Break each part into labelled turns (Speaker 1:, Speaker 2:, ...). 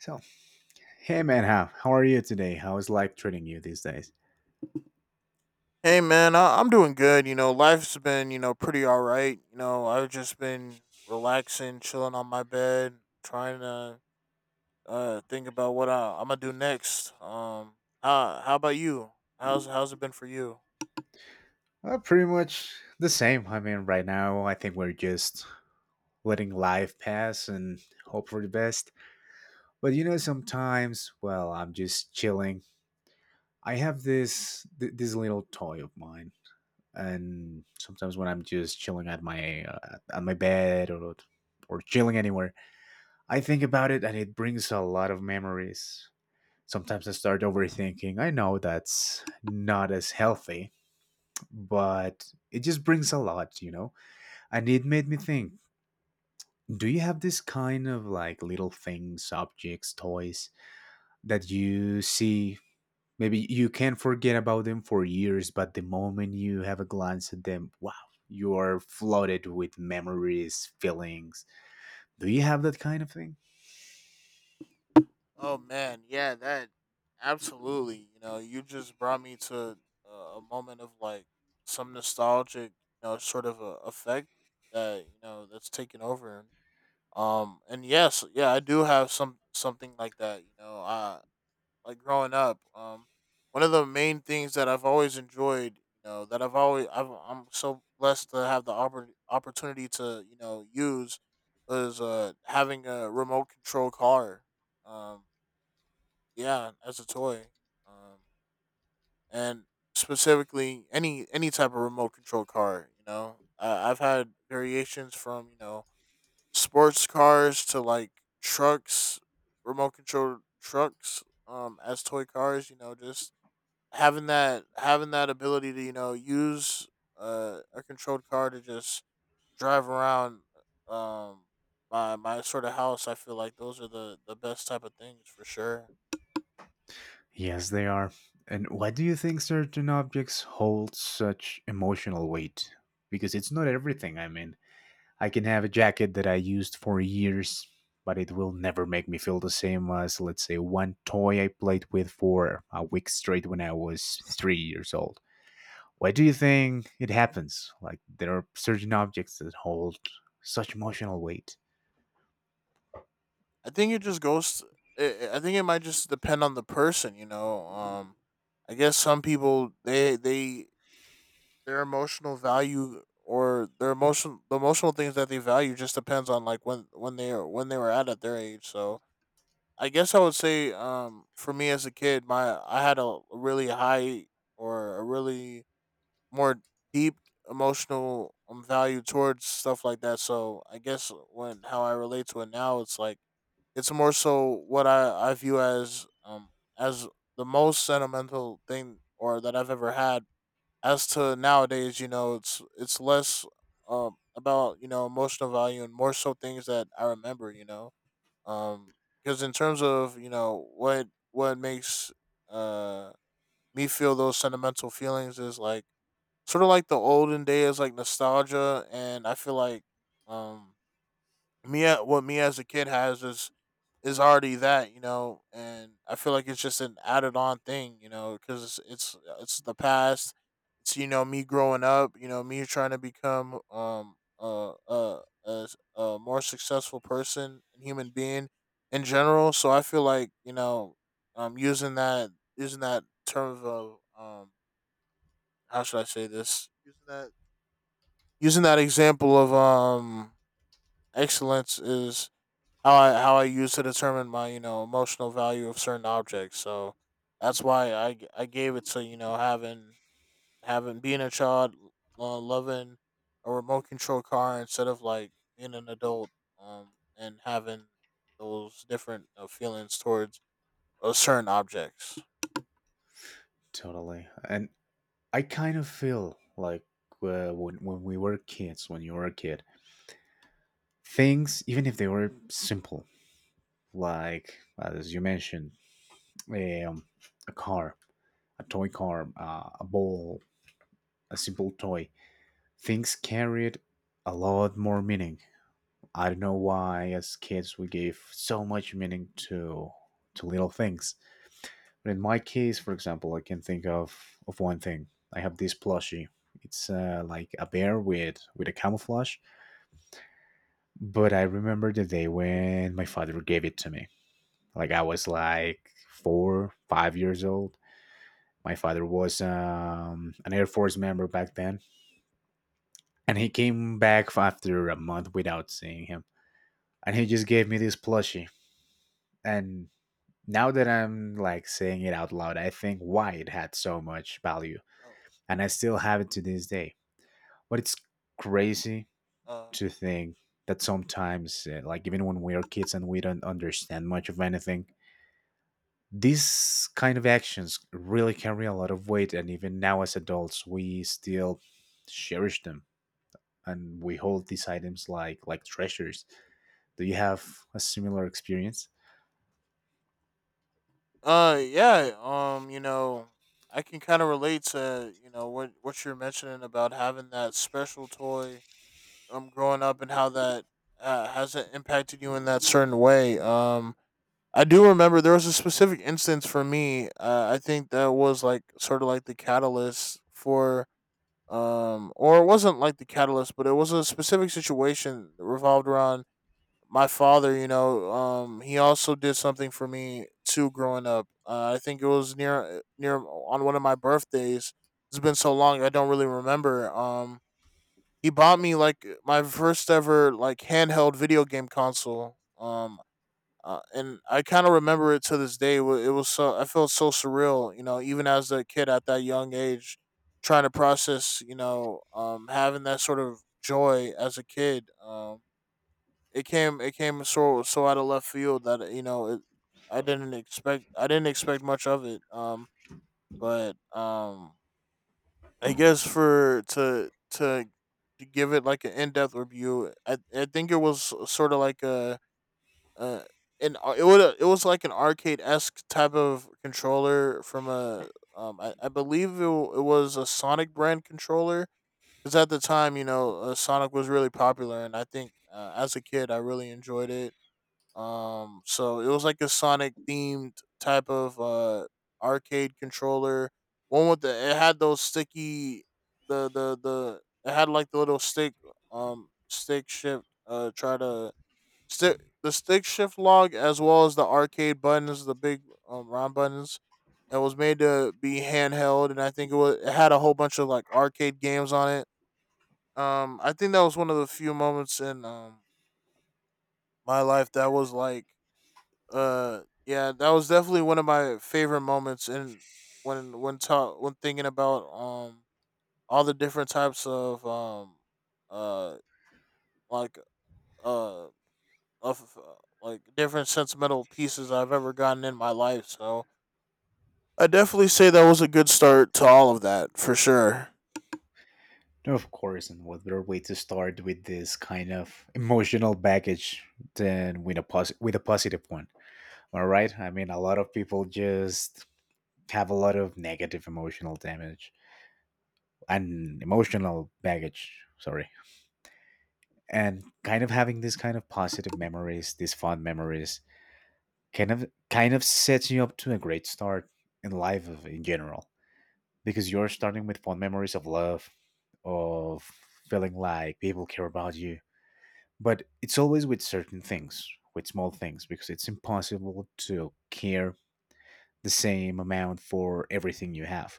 Speaker 1: So, hey man, how are you today? How is life treating you these days?
Speaker 2: Hey man, I'm doing good. You know, life's been pretty all right. You know, I've just been relaxing, chilling on my bed, trying to think about what I'm gonna do next. How about you? How's it been for you?
Speaker 1: Pretty much the same. I mean, right now, I think we're just letting life pass and hope for the best. But sometimes, well, I'm just chilling. I have this little toy of mine, and sometimes when I'm just chilling at my bed or chilling anywhere, I think about it, and it brings a lot of memories. Sometimes I start overthinking. I know that's not as healthy, but it just brings a lot, you know? And it made me think, do you have this kind of like little things, objects, toys that you see? Maybe you can't forget about them for years, but the moment you have a glance at them, wow, you are flooded with memories, feelings. Do you have that kind of thing?
Speaker 2: Oh man, yeah, that absolutely. You know, you just brought me to a, a moment of like some nostalgic, you know, sort of a effect that that's taken over. And yes, yeah, I do have something like that. You know, I like growing up, one of the main things that I've always enjoyed, you know, that I've always, I've, I'm so blessed to have the opportunity to, you know, use was having a remote control car. Um, yeah, as a toy. Um, and Specifically any type of remote control car. I've had variations from sports cars to like trucks, remote control trucks, as toy cars. You know, just having that ability to use a controlled car to just drive around um my sort of house. I feel like those are the best type of things for sure.
Speaker 1: Yes, they are. And why do you think certain objects hold such emotional weight? Because it's not everything, I mean, I can have a jacket that I used for years, but it will never make me feel the same as, let's say, one toy I played with for a week straight when I was 3 years old. Why do you think it happens? Like, there are certain objects that hold such emotional weight.
Speaker 2: I think it just goes. I think it might just depend on the person. You know, I guess some people they their emotional value or the emotional things that they value just depends on like when they were at their age. So I guess I would say, for me as a kid, my I had a really high, or a really more deep emotional, value towards stuff like that. So I guess when how I relate to it now, it's like it's more so what I view as as the most sentimental thing or that I've ever had. As to nowadays, you know, it's less about you know emotional value and more so things that I remember, you know, um because in terms of you know what makes uh me feel those sentimental feelings is like sort of like the olden days, like nostalgia. And I feel like um me as a kid has is already that, you know. And I feel like it's just an added on thing, you know, because it's the past. It's you know me growing up, you know, me trying to become a, a more successful person and human being in general. So I feel like you know using that, term of how should I say this, using that, using that example of excellence is how I how I use to determine my you know emotional value of certain objects. So that's why I gave it to, you know, having, being a child, loving a remote control car instead of like being an adult, um, and having those different feelings towards certain objects.
Speaker 1: Totally. And I kind of feel like when we were kids, when you were a kid, things, even if they were simple, like, as you mentioned, um, a car, a toy car, a ball, a simple toy, things carried a lot more meaning. I don't know why as kids we gave so much meaning to little things. But in my case, for example, I can think of one thing. I have this plushie. It's like a bear with a camouflage. But I remember the day when my father gave it to me. Like I was like four, 5 years old. My father was an Air Force member back then. And he came back after a month without seeing him. And he just gave me this plushie. And now that I'm like saying it out loud, I think why it had so much value.
Speaker 2: Oh,
Speaker 1: And I still have it to this day. But it's crazy to think that sometimes, like even when we are kids and we don't understand much of anything, these kind of actions really carry a lot of weight. And even now as adults, we still cherish them, and we hold these items like treasures. Do you have a similar experience?
Speaker 2: yeah. You know, I can kind of relate to you know what you're mentioning about having that special toy, growing up and how that has it impacted you in that certain way. I do remember there was a specific instance for me. I think that was like sort of like the catalyst for, or it wasn't like the catalyst, but it was a specific situation that revolved around my father. You know, he also did something for me too growing up. I think it was near on one of my birthdays. It's been so long, I don't really remember. He bought me like my first ever like handheld video game console. And I kind of remember it to this day. It was so I felt so surreal, you know, even as a kid at that young age, trying to process, you know, having that sort of joy as a kid. It came so out of left field that you know I didn't expect much of it. But I guess for to give it like an in depth review, I think it was sort of like a uh, an it would it was like an arcade esque type of controller from a I believe it was a Sonic brand controller, because at the time, you know, Sonic was really popular, and I think as a kid I really enjoyed it. So it was like a Sonic themed type of arcade controller, one with the it had those sticky the it had like the little stick stick shift try to Sti the stick shift log, as well as the arcade buttons, the big round buttons. It was made to be handheld, and I think it had a whole bunch of like arcade games on it. I think that was one of the few moments in my life that was like yeah, that was definitely one of my favorite moments in when when thinking about all the different types of uh like uh of uh, like different sentimental pieces I've ever gotten in my life. So I definitely say that was a good start to all of that for sure.
Speaker 1: No, of course, and what better way to start with this kind of emotional baggage than with a positive one? All right, I mean, a lot of people just have a lot of negative emotional damage and emotional baggage. Sorry, and kind of having this kind of positive memories, these fond memories, kind of sets you up to a great start in life in general, because you're starting with fond memories of love, of feeling like people care about you. But it's always with certain things, with small things, because it's impossible to care the same amount for everything you have.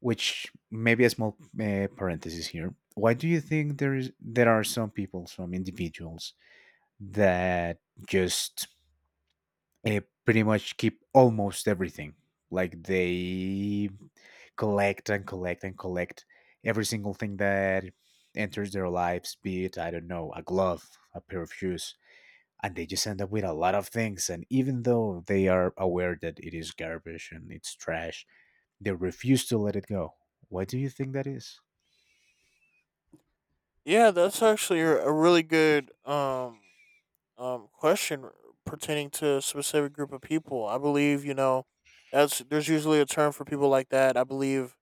Speaker 1: Which, maybe a small parenthesis here. Why do you think there are some people, some individuals that just, uh, pretty much keep almost everything? Like they collect and collect and collect every single thing that enters their lives, be it, I don't know, a glove, a pair of shoes, and they just end up with a lot of things. And even though they are aware that it is garbage and it's trash, they refuse to let it go. Why do you think that is?
Speaker 2: Yeah, that's actually a really good question pertaining to a specific group of people. I believe you know that's there's usually a term for people like that. I believe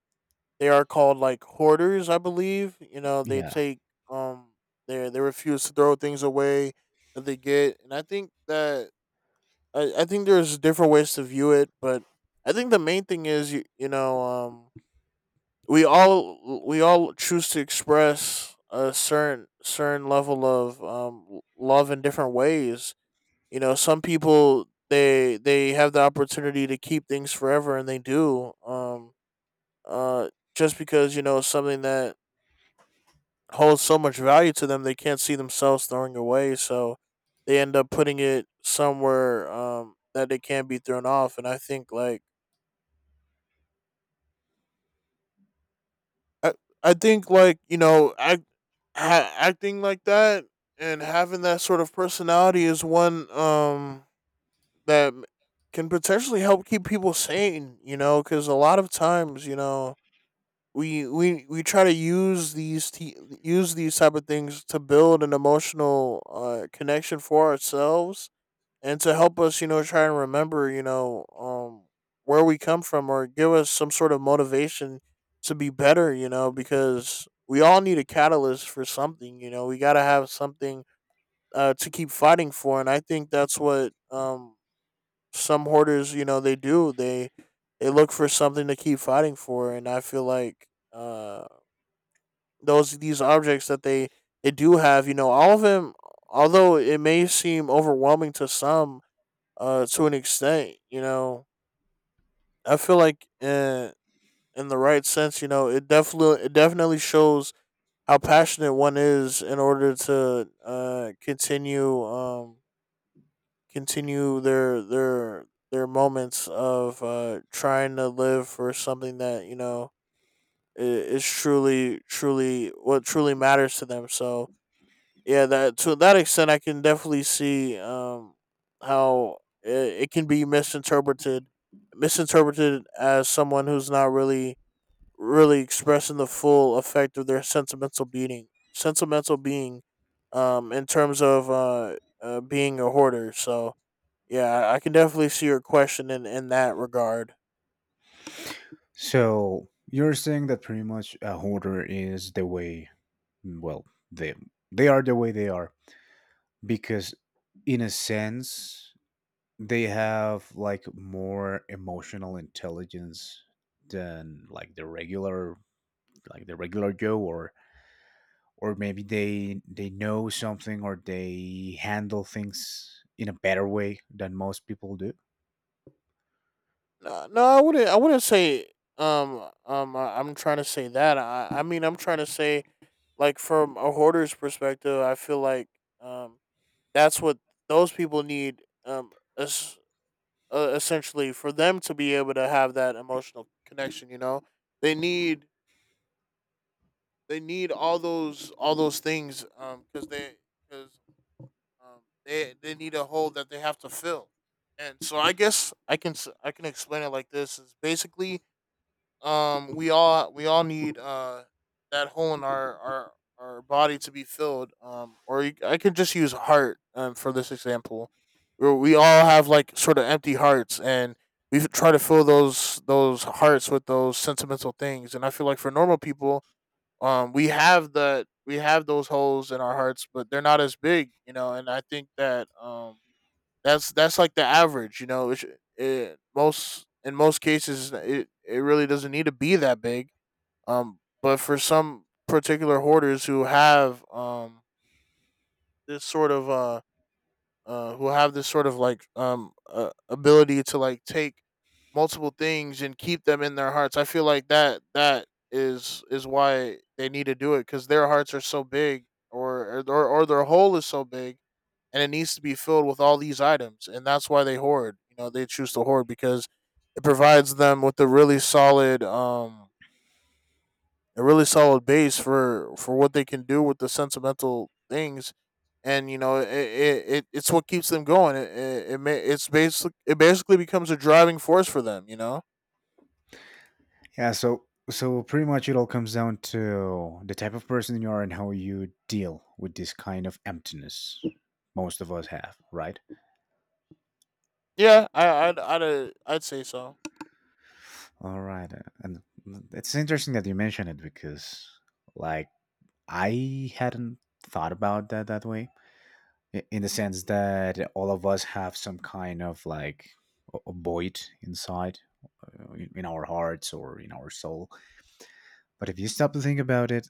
Speaker 2: they are called like hoarders. I believe you know they
Speaker 1: Yeah.
Speaker 2: take um they refuse to throw things away that they get. And I think that I think there's different ways to view it, but I think the main thing is you know we all choose to express a certain level of love in different ways. You know, some people they have the opportunity to keep things forever, and they do, uh just because you know it's something that holds so much value to them they can't see themselves throwing away. So they end up putting it somewhere that they can't be thrown off. And I think like i, I think like you know acting like that and having that sort of personality is one that m- can potentially help keep people sane, you know, because a lot of times, you know, we try to use these type of things to build an emotional connection for ourselves and to help us, you know, try and remember, you know, where we come from, or give us some sort of motivation to be better. You know, because we all need a catalyst for something, you know, we got to have something to keep fighting for. And I think that's what some hoarders, you know, they do. They look for something to keep fighting for. And I feel like uh, these objects that they do have, you know, all of them, although it may seem overwhelming to some, to an extent. You know, I feel like in the right sense, you know, it definitely shows how passionate one is in order to continue, their moments of trying to live for something that you know is truly what truly matters to them. So yeah, that to that extent I can definitely see how it can be misinterpreted, as someone who's not really expressing the full effect of their sentimental being, sentimental being in terms of being a hoarder. So yeah, I can definitely see your question in that regard.
Speaker 1: So you're saying that pretty much a hoarder is the way, well, they they are the way they are because, in a sense, they have like more emotional intelligence than like the regular joe, or maybe they know something, or they handle things in a better way than most people do.
Speaker 2: No, no, I wouldn't say. I'm trying to say that. I mean, I'm trying to say, like, from a hoarder's perspective, I feel like, um, that's what those people need. Essentially, for them to be able to have that emotional connection, you know, they need they need all those things. Because they need a hole that they have to fill, and so I guess I can explain it like this: is basically we all need that hole in our body to be filled, or I could just use heart for this example, where we all have, like, sort of empty hearts, and we try to fill those hearts with those sentimental things. And I feel like for normal people, we have those holes in our hearts, but they're not as big, you know. And I think that that's like the average, you know. It Most in most cases it really doesn't need to be that big. But for some particular hoarders who have, this sort of who have this sort of, like, ability to, like, take multiple things and keep them in their hearts. I feel like that is why they need to do it, because their hearts are so big, or or their hole is so big, and it needs to be filled with all these items, and that's why they hoard. You know, they choose to hoard because it provides them with a really solid base for what they can do with the sentimental things. And you know, it's what keeps them going. It basically becomes a driving force for them. You know.
Speaker 1: Yeah, so pretty much it all comes down to the type of person you are and how you deal with this kind of emptiness most of us have, right?
Speaker 2: Yeah, I'd say so.
Speaker 1: All right, and it's interesting that you mentioned it because, like, I hadn't thought about that that way. In the sense that all of us have some kind of like a void inside, in our hearts or in our soul. But if you stop to think about it,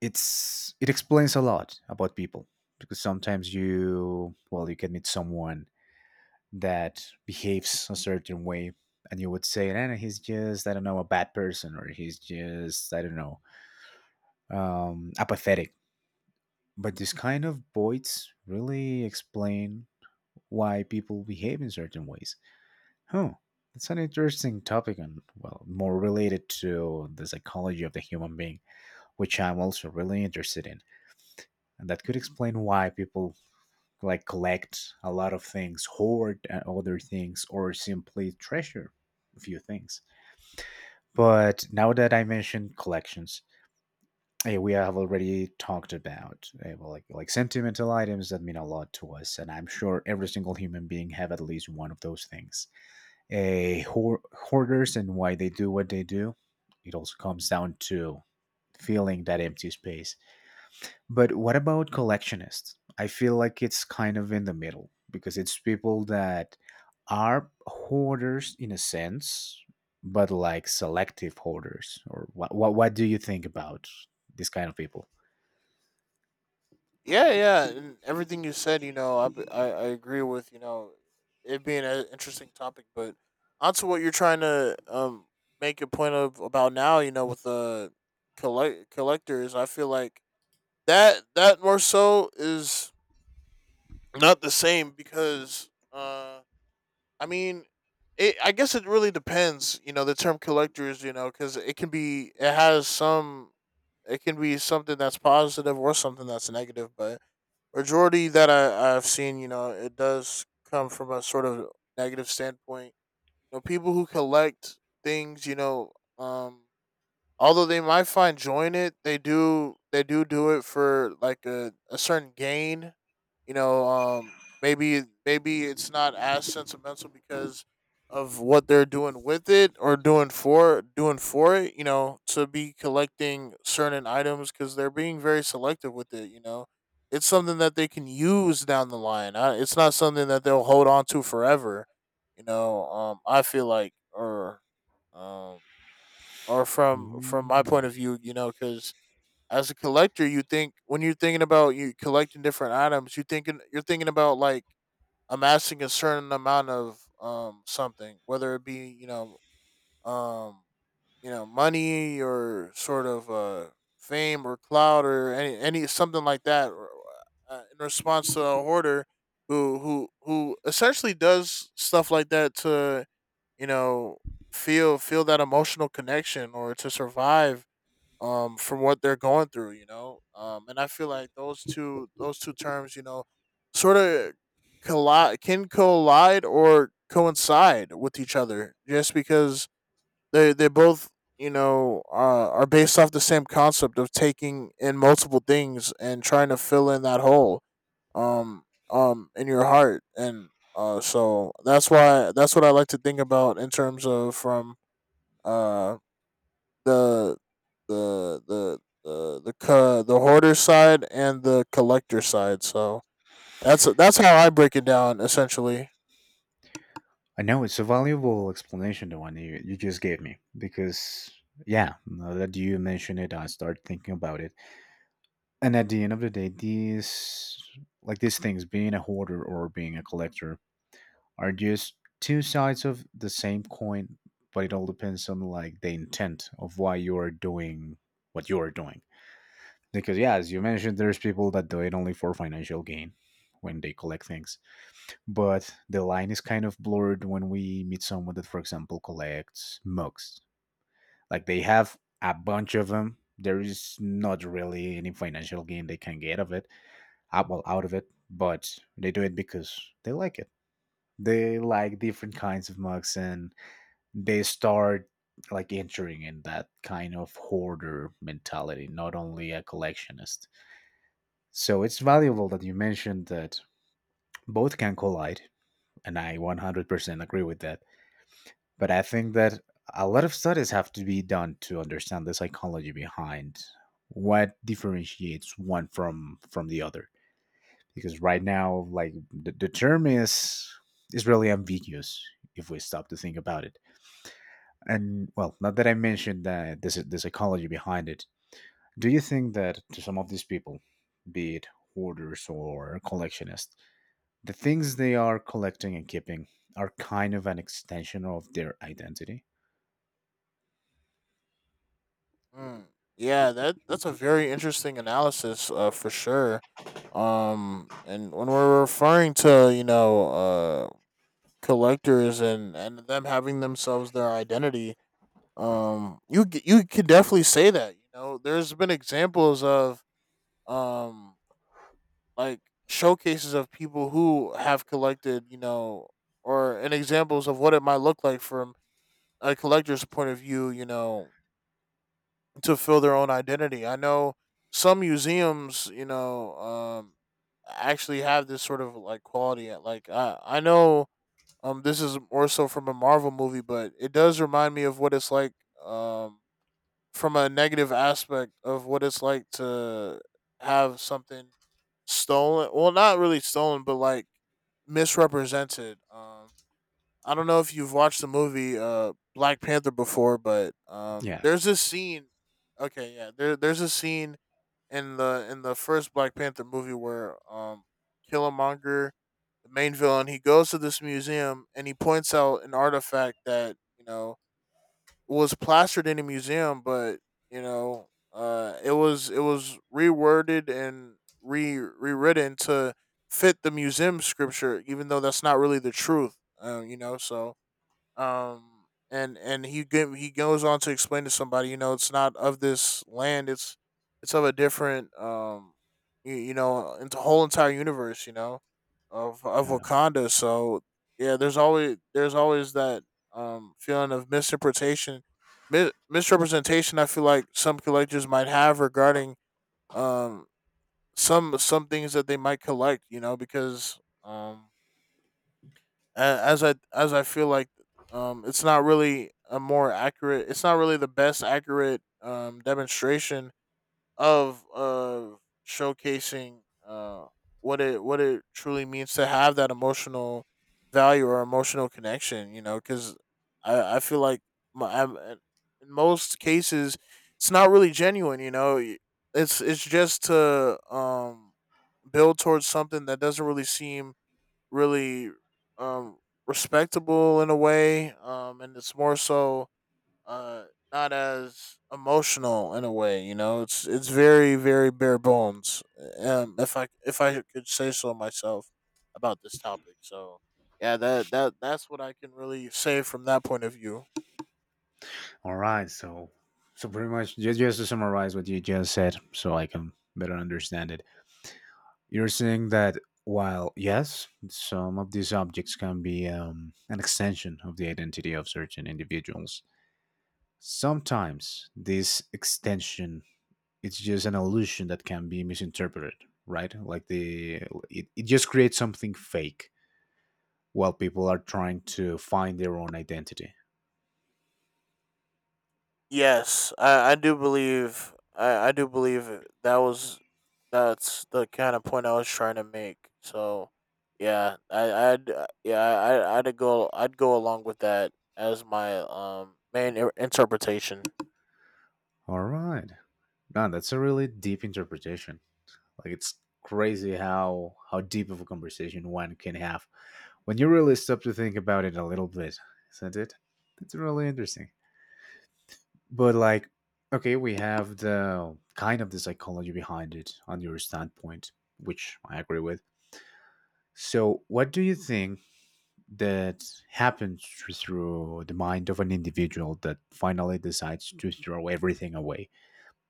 Speaker 1: it explains a lot about people, because sometimes you, well, you can meet someone that behaves a certain way and you would say, "Eh, he's just, I don't know, a bad person, or he's just, I don't know, apathetic." But these kind of voids really explain why people behave in certain ways, huh? That's an interesting topic, and well, more related to the psychology of the human being, which I'm also really interested in, and that could explain why people like collect a lot of things, hoard other things, or simply treasure a few things. But now that I mentioned collections, we have already talked about, well, like sentimental items that mean a lot to us, and I'm sure every single human being have at least one of those things. Hoarders and why they do what they do, it also comes down to filling that empty space. But what about collectionists? I feel like it's kind of in the middle because it's people that are hoarders in a sense, but like selective hoarders. Or what? What do you think about this kind of people?
Speaker 2: Yeah, yeah, and everything you said, you know, I agree, with you know, it being an interesting topic. But onto what you're trying to make a point of about now, you know, with the collectors, I feel like that more so is not the same, because I mean, it I guess it really depends, you know, the term collectors, you know, cuz it can be something that's positive or something that's negative. But majority that I've seen, you know, it does come from a sort of negative standpoint. You know, people who collect things, you know, um although they might find joy in it, they do do it for, like, a certain gain, you know. Maybe it's not as sentimental because of what they're doing with it, or doing for it. You know, to be collecting certain items because they're being very selective with it. You know, it's something that they can use down the line. It's not something that they'll hold on to forever. You know, I feel like, um or from my point
Speaker 1: Mm.
Speaker 2: of view, you know, because as a collector, you think when you're thinking about you collecting different items, you're thinking about, like, amassing a certain amount of something, whether it be, you know, um you know, money, or sort of fame, or clout, or any something like that. Or in response to a hoarder who who who essentially does stuff like that to, you know, feel that emotional connection, or to survive from what they're going through, you know. And I feel like those two terms, you know, sort of collide can collide or coincide with each other, just because they both, you know, are based off the same concept of taking in multiple things and trying to fill in that hole, um in your heart. And so that's what I like to think about, in terms of, from uh the the hoarder side and the collector side. So that's how I break it down, essentially.
Speaker 1: I know it's a valuable explanation, the one you just gave me, because yeah, now that you mention it, I start thinking about it. And at the end of the day, these, like these things, being a hoarder or being a collector, are just two sides of the same coin, but it all depends on like the intent of why you are doing what you are doing. Because yeah, as you mentioned, there's people that do it only for financial gain when they collect things. But the line is kind of blurred when we meet someone that, for example, collects mugs. Like they have a bunch of them. There is not really any financial gain they can get of it, well, out of it. But they do it because they like it. They like different kinds of mugs, and they start like entering in that kind of hoarder mentality, not only a collectionist. So it's valuable that you mentioned that both can collide, and I 100% agree with that. But I think that a lot of studies have to be done to understand the psychology behind what differentiates one from the other, because right now, like, the term is really ambiguous if we stop to think about it. And well, now that I mentioned that there's the psychology behind it, do you think that to some of these people, be it hoarders or collectionists, the things they are collecting and keeping are kind of an extension of their identity?
Speaker 2: Mm, yeah, that's a very interesting analysis, for sure. And when we're referring to, you know, collectors, and them having themselves their identity, you could definitely say that. You know, there's been examples of um like showcases of people who have collected, you know, or and examples of what it might look like from a collector's point of view, you know, to fill their own identity. I know some museums, you know, actually have this sort of, like, quality. At Like, I know, this is more so from a Marvel movie, but it does remind me of what it's like, um, from a negative aspect, of what it's like to have something stolen, well, not really stolen, but, like, misrepresented. I don't know if you've watched the movie, Black Panther, before, but
Speaker 1: Yeah.
Speaker 2: there's this scene. Okay, yeah, there's a scene in the first Black Panther movie where, Killmonger, the main villain, he goes to this museum, and he points out an artifact that, you know, was plastered in a museum. But you know, it was reworded and re rewritten to fit the museum scripture, even though that's not really the truth. You know. So um and he goes on to explain to somebody, you know, it's not of this land, it's of a different, you know, into whole entire universe, you know, of
Speaker 1: Yeah.
Speaker 2: Wakanda, so. Yeah, there's always that, feeling of misinterpretation, misrepresentation, I feel like some collectors might have, regarding um some things that they might collect, you know. Because um as I— as I feel like, it's not really a more accurate— it's not really the best accurate, demonstration of showcasing, what it truly means to have that emotional value or emotional connection. You know, because I feel like in most cases it's not really genuine. You know, it's just to, build towards something that doesn't really seem, really, um respectable in a way. And it's more so, uh not as emotional in a way, you know. It's very, very bare bones, if I could say so myself about this topic. So yeah, that's what I can really say from that point of view.
Speaker 1: All right. So, pretty much, just to summarize what you just said, so I can better understand it, you're saying that while yes, some of these objects can be, an extension of the identity of certain individuals, sometimes this extension, it's just an illusion that can be misinterpreted, right? Like it, just creates something fake while people are trying to find their own identity.
Speaker 2: Yes, I do believe— that's the kind of point I was trying to make. So yeah, I'd, yeah, I'd go along with that as my, main interpretation.
Speaker 1: All right. Man, that's a really deep interpretation. Like, it's crazy how deep of a conversation one can have when you really stop to think about it a little bit, isn't it? That's really interesting. But like, okay, we have the kind of the psychology behind it on your standpoint, which I agree with. So, what do you think that happens through the mind of an individual that finally decides to throw everything away?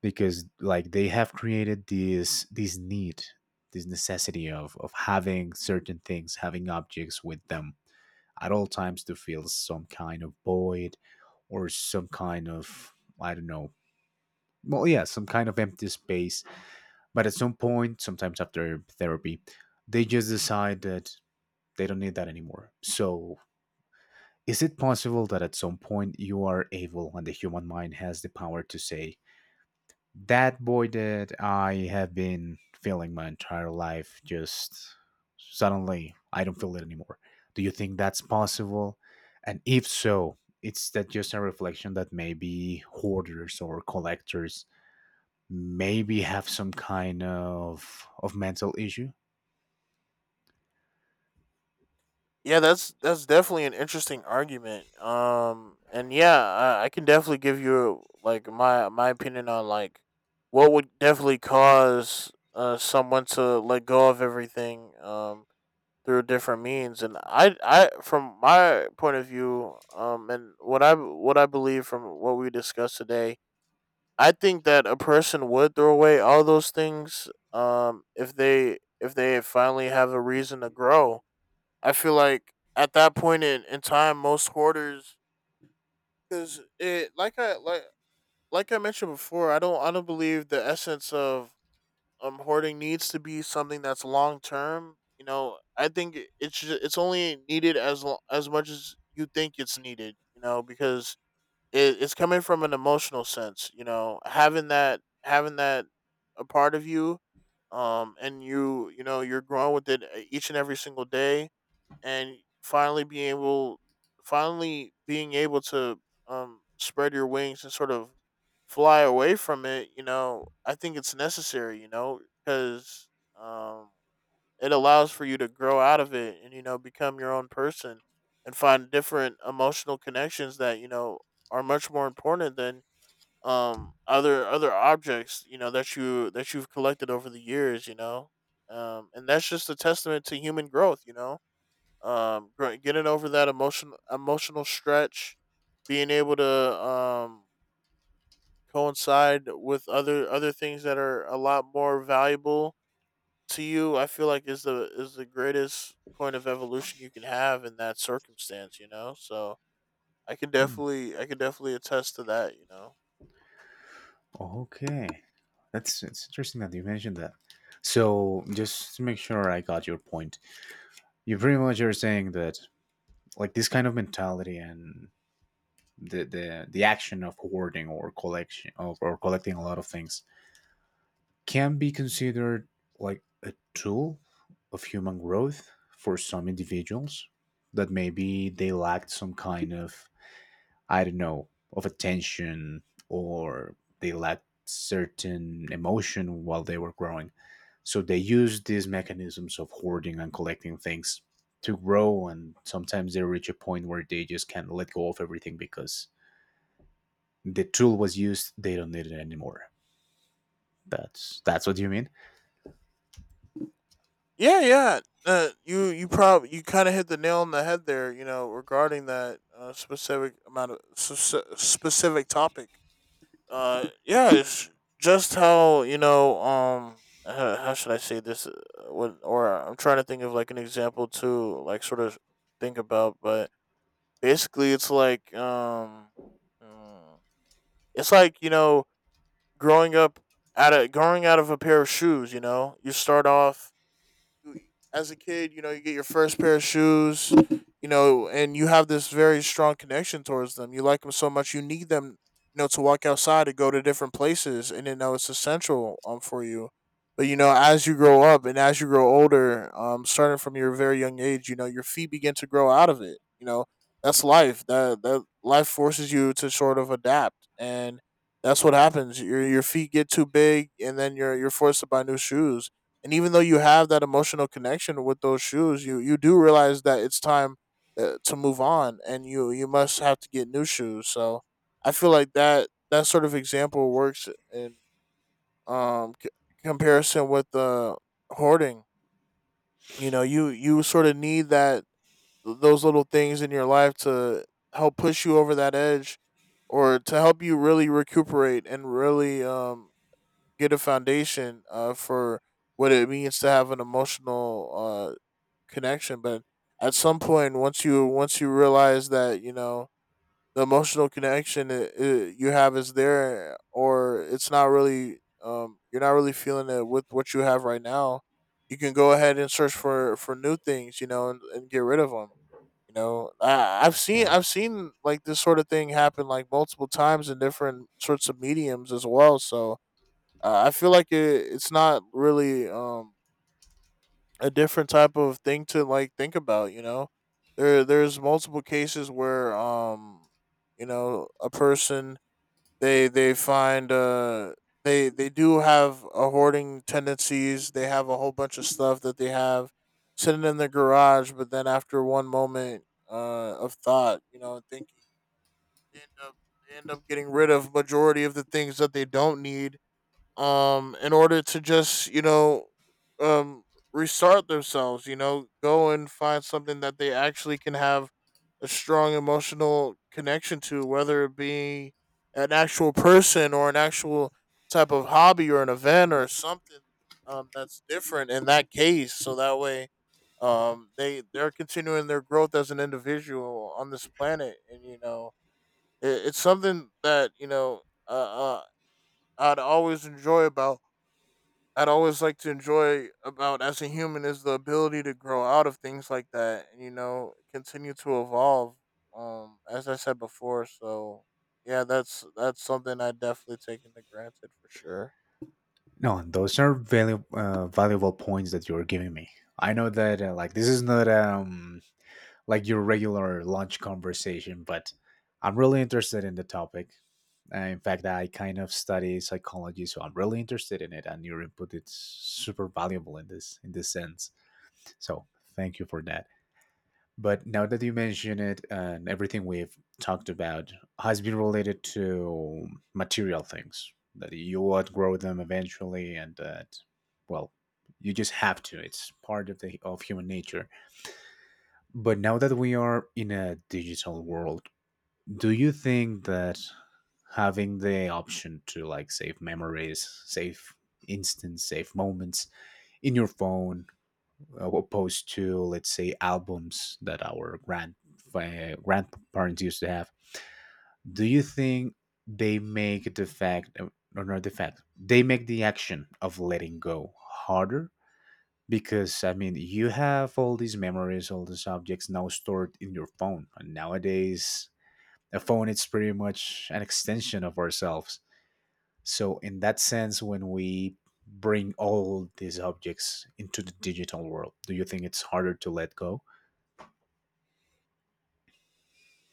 Speaker 1: Because like they have created this need, this necessity of having certain things, having objects with them at all times to feel some kind of void, or some kind of, I don't know, well, yeah, some kind of empty space, but at some point, sometimes after therapy, they just decide that they don't need that anymore. So is it possible that at some point you are able, and the human mind has the power to say, that void that I have been feeling my entire life, just suddenly I don't feel it anymore? Do you think that's possible? And if so, it's that just a reflection that maybe hoarders or collectors maybe have some kind of mental issue?
Speaker 2: Yeah, that's definitely an interesting argument. And yeah, I can definitely give you, like, my opinion on, like, what would definitely cause someone to let go of everything. Through different means. And I from my point of view, and what I believe from what we discussed today, I think that a person would throw away all those things, if they finally have a reason to grow. I feel like at that point in, time, most hoarders, because it like I like I mentioned before, I don't believe the essence of hoarding needs to be something that's long term. You know, I think it's only needed as as much as you think it's needed. You know, because it's coming from an emotional sense. You know, having that a part of you, and you know, you're growing with it, each and every single day, and finally being able to, spread your wings and sort of fly away from it. You know, I think it's necessary, you know, because um it allows for you to grow out of it, and you know, become your own person, and find different emotional connections that, you know, are much more important than, other objects, you know, that you that you've collected over the years, you know. And that's just a testament to human growth, you know. Getting over that emotional stretch, being able to, um coincide with other things that are a lot more valuable to you, I feel like, is the greatest point of evolution you can have in that circumstance, you know. So
Speaker 1: Hmm.
Speaker 2: I can definitely attest to that, you know.
Speaker 1: Okay, that's it's interesting that you mentioned that. So just to make sure I got your point, you pretty much are saying that like this kind of mentality and the action of hoarding or collection of, or collecting a lot of things can be considered like a tool of human growth for some individuals that maybe they lacked some kind of, I don't know, of attention, or they lacked certain emotion while they were growing. So they used these mechanisms of hoarding and collecting things to grow. And sometimes they reach a point where they just can't let go of everything because the tool was used, they don't need it anymore. That's what you mean.
Speaker 2: Yeah, yeah, you kind of hit the nail on the head there, you know, regarding that, specific amount of specific topic. Yeah, it's just how, you know, how should I say this, what or I'm trying to think of, like, an example to, like, sort of think about. But basically it's like, mm, it's like, you know, growing up out of growing out of a pair of shoes. You know, you start off as a kid, you know, you get your first pair of shoes, you know, and you have this very strong connection towards them. You like them so much, you need them, you know, to walk outside, to go to different places, and you know it's essential, for you. But you know, as you grow up and as you grow older, starting from your very young age, you know, your feet begin to grow out of it. You know, that's life. That life forces you to sort of adapt, and that's what happens. Your feet get too big, and then you're forced to buy new shoes, and even though you have that emotional connection with those shoes, you do realize that it's time to move on and you must have to get new shoes. So I feel like that sort of example works in um c- comparison with the hoarding. You know, you sort of need that those little things in your life to help push you over that edge, or to help you really recuperate and really get a foundation for what it means to have an emotional connection. But at some point, once you realize that, you know, the emotional connection you have is there, or it's not really you're not really feeling it with what you have right now. You can go ahead and search for new things, you know, and get rid of them. You know,
Speaker 1: Yeah.
Speaker 2: I've seen like this sort of thing happen like multiple times in different sorts of mediums as well. So I feel like it's not really a different type of thing to like think about. You know, there's multiple cases where, you know, a person, they find they do have a hoarding tendencies. They have a whole bunch of stuff that they have sitting in their garage, but then after one moment of thought, you know, thinking, they end up they end up getting rid of majority of the things that they don't need in order to just, um restart themselves, you know, go and find something that they actually can have a strong emotional connection to, whether it be an actual person or an actual type of hobby or an event or something that's different in that case. So that way, they they're continuing their growth as an individual on this planet. And you know, it's something that, you know, uh, uh, i'd always enjoy about I'd always like to enjoy about as a human is the ability to grow out of things like that and you know continue to evolve. As I said before, so yeah, that's something I definitely take into granted for sure.
Speaker 1: No, and those are valuable points that you're giving me. I know that like this is not like your regular lunch conversation, but I'm really interested in the topic. In fact, I kind of study psychology, so I'm really interested in it, and your input is super valuable in this sense. So thank you for that. But now that you mention it, and everything we've talked about has been related to material things that you outgrow them eventually, and that well, you just have to. It's part of the of human nature. But now that we are in a digital world, do you think that having the option to like save memories, save instants, save moments in your phone, opposed to let's say albums that our grandparents used to have, do you think they make the fact or not the fact, they make the action of letting go harder? Because I mean, you have all these memories, all these objects now stored in your phone. And nowadays, a phone it's pretty much an extension of ourselves. So in that sense, when we bring all these objects into the digital world, do you think it's harder to let go?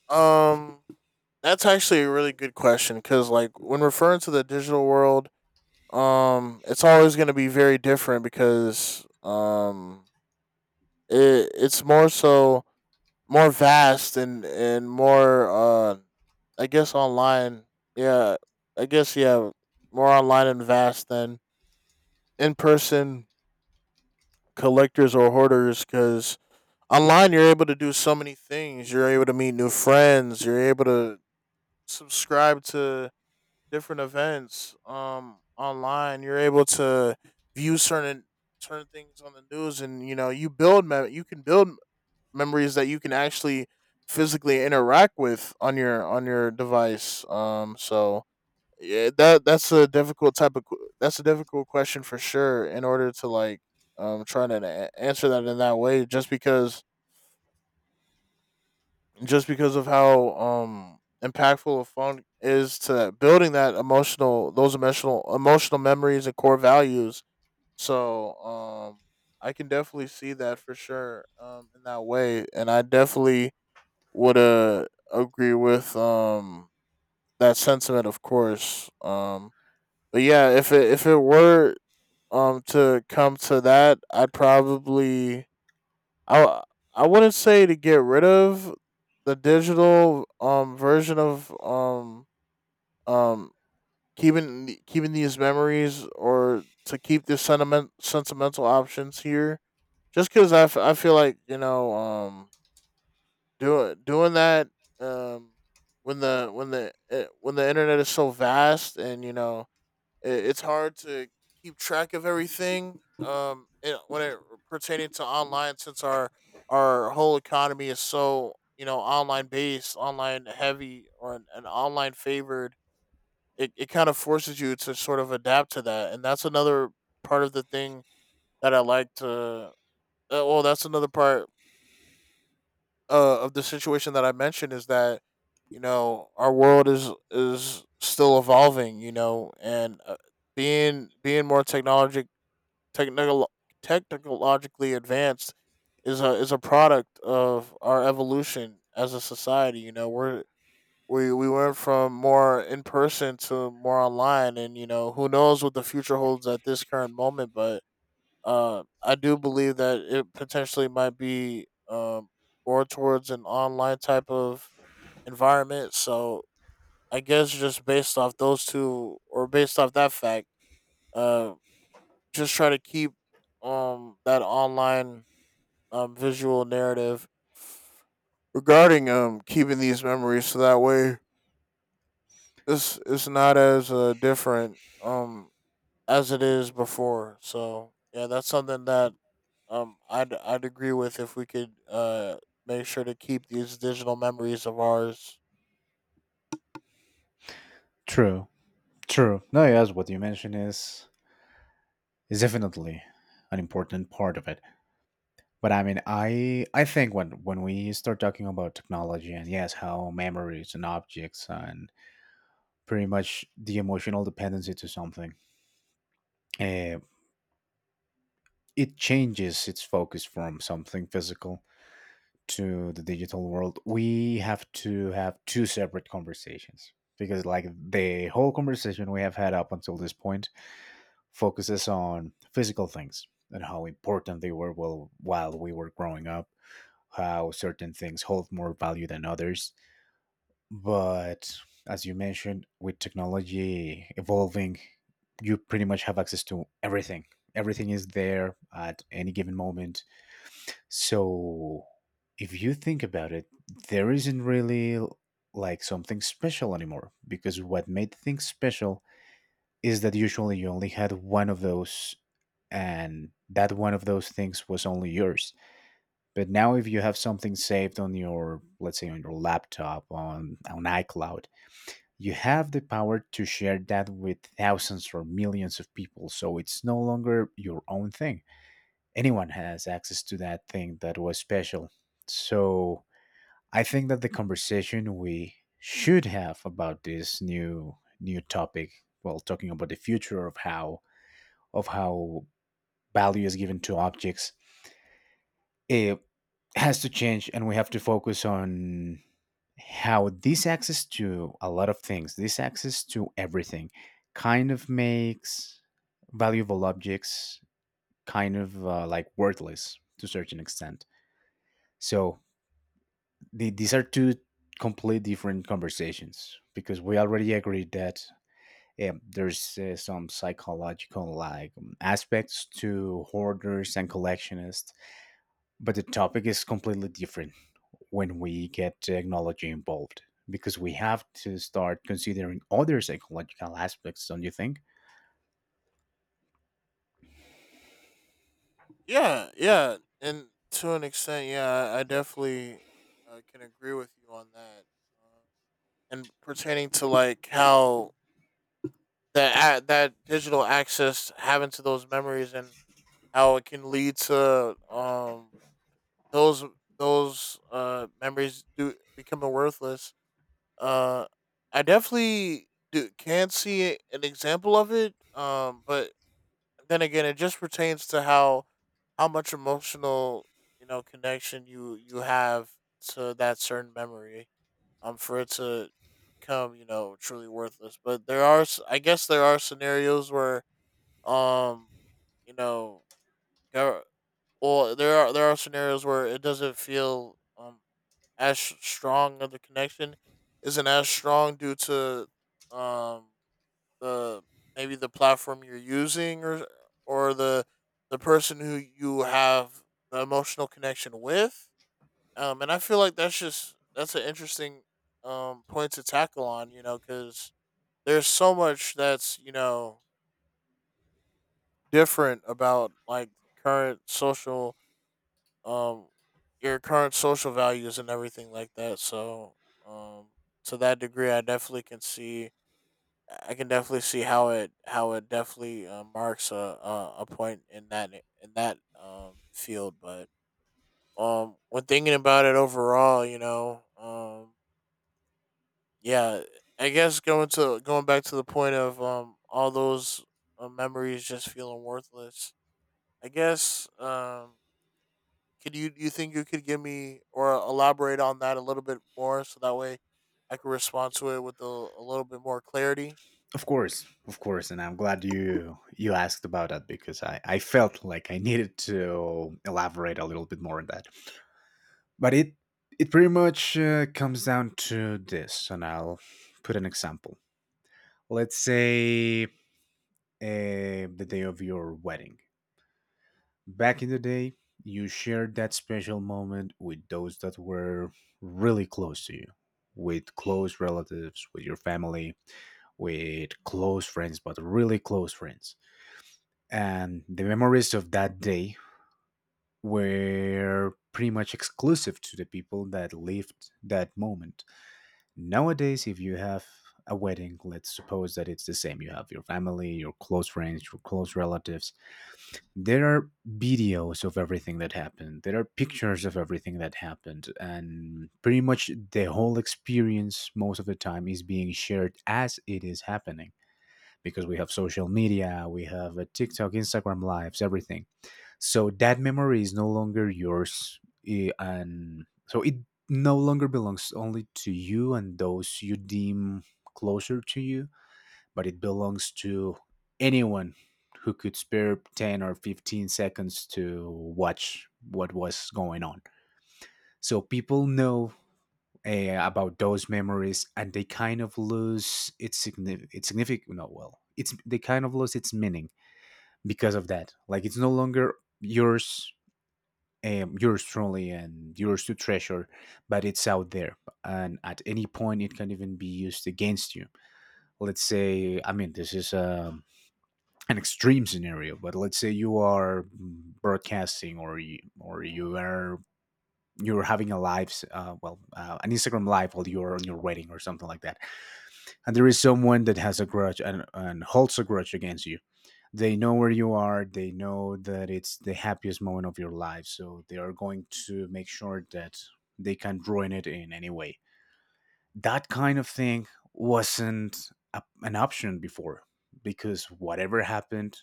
Speaker 2: Um, that's actually a really good question because, like, when referring to the digital world, it's always going to be very different because, it's more so more vast and more I guess online. Yeah, I guess yeah, more online and vast than in person collectors or hoarders, cuz online you're able to do so many things. You're able to meet new friends, you're able to subscribe to different events online. You're able to view certain things on the news. And you know, you can build memories that you can actually physically interact with on your device. So yeah, that's a difficult type of that's a difficult question for sure. In order to like try to answer that in that way, just because of how impactful a phone is to building that emotional, those emotional memories and core values. So I can definitely see that for sure, in that way. And I definitely would, agree with that sentiment, of course. But yeah, if it were to come to that, I'd probably, I I wouldn't say to get rid of the digital version of, um keeping these memories, or to keep the sentimental options here, just because I feel like, you know, doing that um when when the internet is so vast, and you know, it's hard to keep track of everything, when it pertaining to online, since our whole economy is so, you know, online based, online heavy, or an online favored, it kind of forces you to sort of adapt to that. And that's another part of the thing that I like to well that's another part of the situation that I mentioned, is that, you know, our world is still evolving. You know, and being more technical technologically advanced is a product of our evolution as a society. You know, we went from more in person to more online, and you know who knows what the future holds at this current moment. But I do believe that it potentially might be, or towards, an online type of environment. So I guess just based off those two, or based off that fact, uh, just try to keep that online visual narrative regarding keeping these memories, so that way this is not as different as it is before. So yeah, that's something that I'd agree with, if we could make sure to keep these digital memories of ours.
Speaker 1: True, true. No, yes, what you mentioned is definitely an important part of it. But I mean, I think when we start talking about technology and yes, how memories and objects and pretty much the emotional dependency to something. Uh, it changes its focus from something physical to the digital world. We have to have two separate conversations because, like, the whole conversation we have had up until this point focuses on physical things and how important they were while, we were growing up, how certain things hold more value than others. But as you mentioned, with technology evolving, you pretty much have access to everything. Everything is there at any given moment. So if you think about it, there isn't really like something special anymore, because what made things special is that usually you only had one of those, and that one of those things was only yours. But now if you have something saved on your, let's say, on your laptop, on iCloud, you have the power to share that with thousands or millions of people, so it's no longer your own thing. Anyone has access to that thing that was special. So I think that the conversation we should have about this new topic, well, talking about the future of how value is given to objects, it has to change, and we have to focus on how this access to a lot of things, this access to everything, kind of makes valuable objects kind of like worthless to a certain extent. So these are two complete different conversations, because we already agreed that there's some psychological like aspects to hoarders and collectionists. But the topic is completely different when we get technology involved, because we have to start considering other psychological aspects, don't you think?
Speaker 2: Yeah, yeah, and to an extent, yeah, I definitely, can agree with you on that. Uh, and pertaining to like how that digital access having to those memories, and how it can lead to those those memories do becoming worthless. Uh, I definitely can see an example of it. But then again, it just pertains to how much emotional, you know, connection you have to that certain memory. For it to become, you know, truly worthless. But there are, there are scenarios where, um, you know, gov- there are scenarios where it doesn't feel as strong of, the connection isn't as strong, due to um the maybe the platform you're using, or or the the person who you have the emotional connection with. Um, and I feel like that's just, that's an interesting point to tackle on, you know, because there's so much that's, you know, different about like current social um your current social values and everything like that. So um to that degree, I can definitely see how it definitely, marks a point in that field. But when thinking about it overall, you know, yeah I guess going back to the point of, all those memories just feeling worthless. I guess, could you, you think you could give me or elaborate on that a little bit more, so that way I could respond to it with a little bit more clarity?
Speaker 1: Of course, and I'm glad you you asked about that because I felt like I needed to elaborate a little bit more on that. But it pretty much comes down to this, and I'll put an example. Let's say the day of your wedding. Back in the day, you shared that special moment with those that were really close to you, with close relatives, with your family, with close friends, but really close friends. And the memories of that day were pretty much exclusive to the people that lived that moment. Nowadays, if you have a wedding, let's suppose that it's the same. You have your family, your close friends, your close relatives, there are videos of everything that happened, there are pictures of everything that happened, and pretty much the whole experience most of the time is being shared as it is happening, because we have social media, we have a TikTok, Instagram lives, everything. So that memory is no longer yours. And so it no longer belongs only to you and those you deem closer to you, but it belongs to anyone who could spare 10 or 15 seconds to watch what was going on. So people know about those memories, and they kind of lose its, its significant, no, well, it's, they kind of lose its meaning because of that. Like, it's no longer yours, yours truly, and yours to treasure, but it's out there. And at any point, it can even be used against you. Let's say, I mean, this is a an extreme scenario, but let's say you are broadcasting, or or you are, you're having a live, an Instagram live while you're on your wedding or something like that, and there is someone that has a grudge, and holds a grudge against you. They know where you are. They know that it's the happiest moment of your life, so they are going to make sure that they can ruin it in any way. That kind of thing wasn't an option before, because whatever happened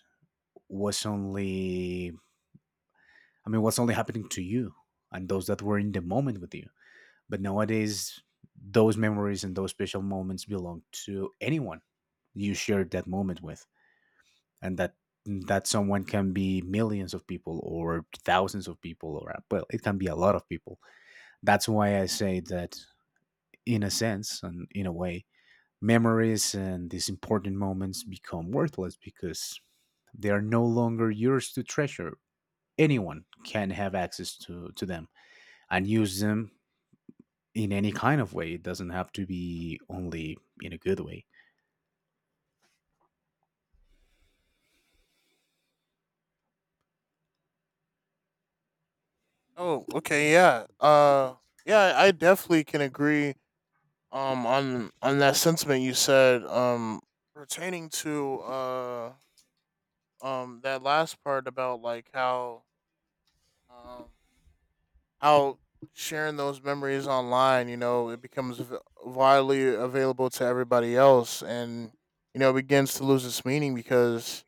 Speaker 1: was only, I mean, what's only happening to you and those that were in the moment with you. But nowadays, those memories and those special moments belong to anyone you shared that moment with, and that that someone can be millions of people or thousands of people, or well, it can be a lot of people. That's why I say that in a sense and in a way, memories and these important moments become worthless, because they are no longer yours to treasure. Anyone can have access to them and use them in any kind of way. It doesn't have to be only in a good way.
Speaker 2: Oh, okay, yeah. Yeah, I definitely can agree on that sentiment you said, pertaining to, that last part about like how um out sharing those memories online. You know, it becomes widely available to everybody else, and you know, it begins to lose its meaning because,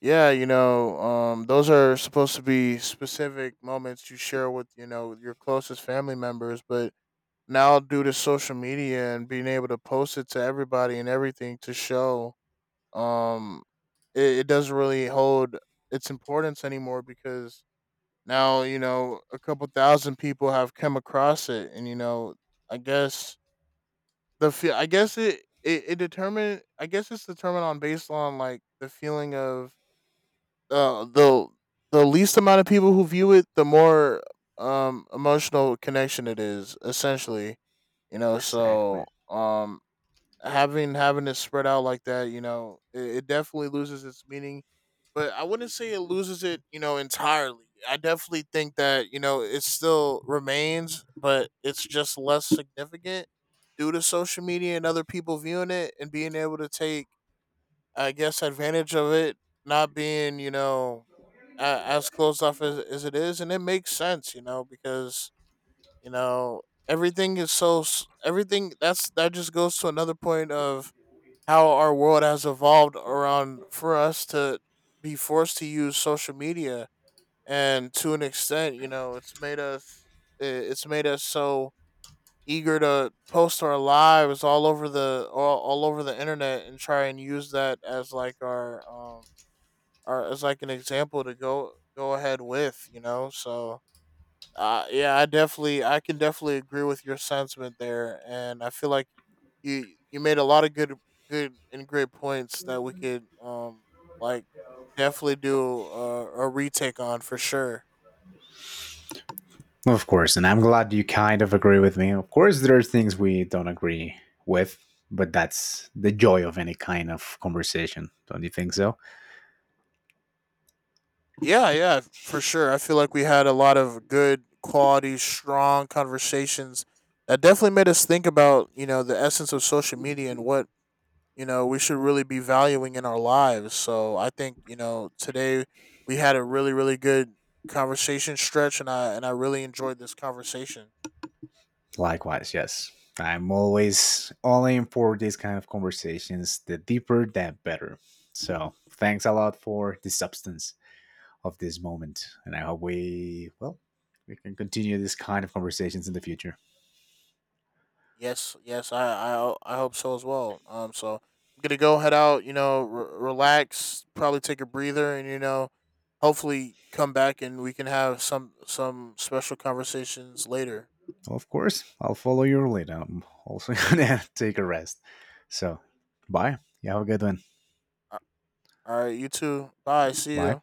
Speaker 2: yeah, you know, those are supposed to be specific moments you share with, you know, your closest family members. But now due to social media, and being able to post it to everybody and everything, to show um it doesn't really hold its importance anymore, because now, you know, a couple thousand people have come across it. And you know, I guess the fe- I guess it it, it determined I guess it's determined on, based on, like, the feeling of, uh the the least amount of people who view it, the more emotional connection it is, essentially. You know, so
Speaker 1: Exactly.
Speaker 2: having it spread out like that, you know, it definitely loses its meaning. But I wouldn't say it loses it, you know, entirely. I definitely think that, you know, it still remains, but it's just less significant due to social media, and other people viewing it and being able to take, I guess, advantage of it not being, you know, as closed off as it is. And it makes sense, you know, because, you know, everything is so s- everything that's, that just goes to another point of how our world has evolved around for us to be forced to use social media. And to an extent, you know, it's made us, it's made us so eager to post our lives all over the all over the internet, and try and use that as like our, our, as like an example to go ahead with, you know. So yeah, I can definitely agree with your sentiment there. And I feel like you made a lot of good, good and great points that we could like definitely do a retake on for sure.
Speaker 1: Of course, and I'm glad you kind of agree with me. Of course, there are things we don't agree with, but that's the joy of any kind of conversation. Don't you think so?
Speaker 2: Yeah, yeah, for sure. I feel like we had a lot of good quality, strong conversations that definitely made us think about, you know, the essence of social media and what, you know, we should really be valuing in our lives. So I think, you know, today we had a really, really good conversation stretch, and I really enjoyed this conversation.
Speaker 1: Likewise, yes. I'm always all in for these kind of conversations. The deeper, the better. So, thanks a lot for the substance of this moment. And I hope we, well, we can continue this kind of conversations in the future.
Speaker 2: Yes, yes, I hope so as well. Um, so I'm gonna go head out, you know, relax, probably take a breather, and you know, hopefully come back and we can have some special conversations later.
Speaker 1: Of course, I'll follow your lead. I'm also going to take a rest. So, bye. You have a good one.
Speaker 2: All right, you too. Bye. See
Speaker 1: Bye.
Speaker 2: you.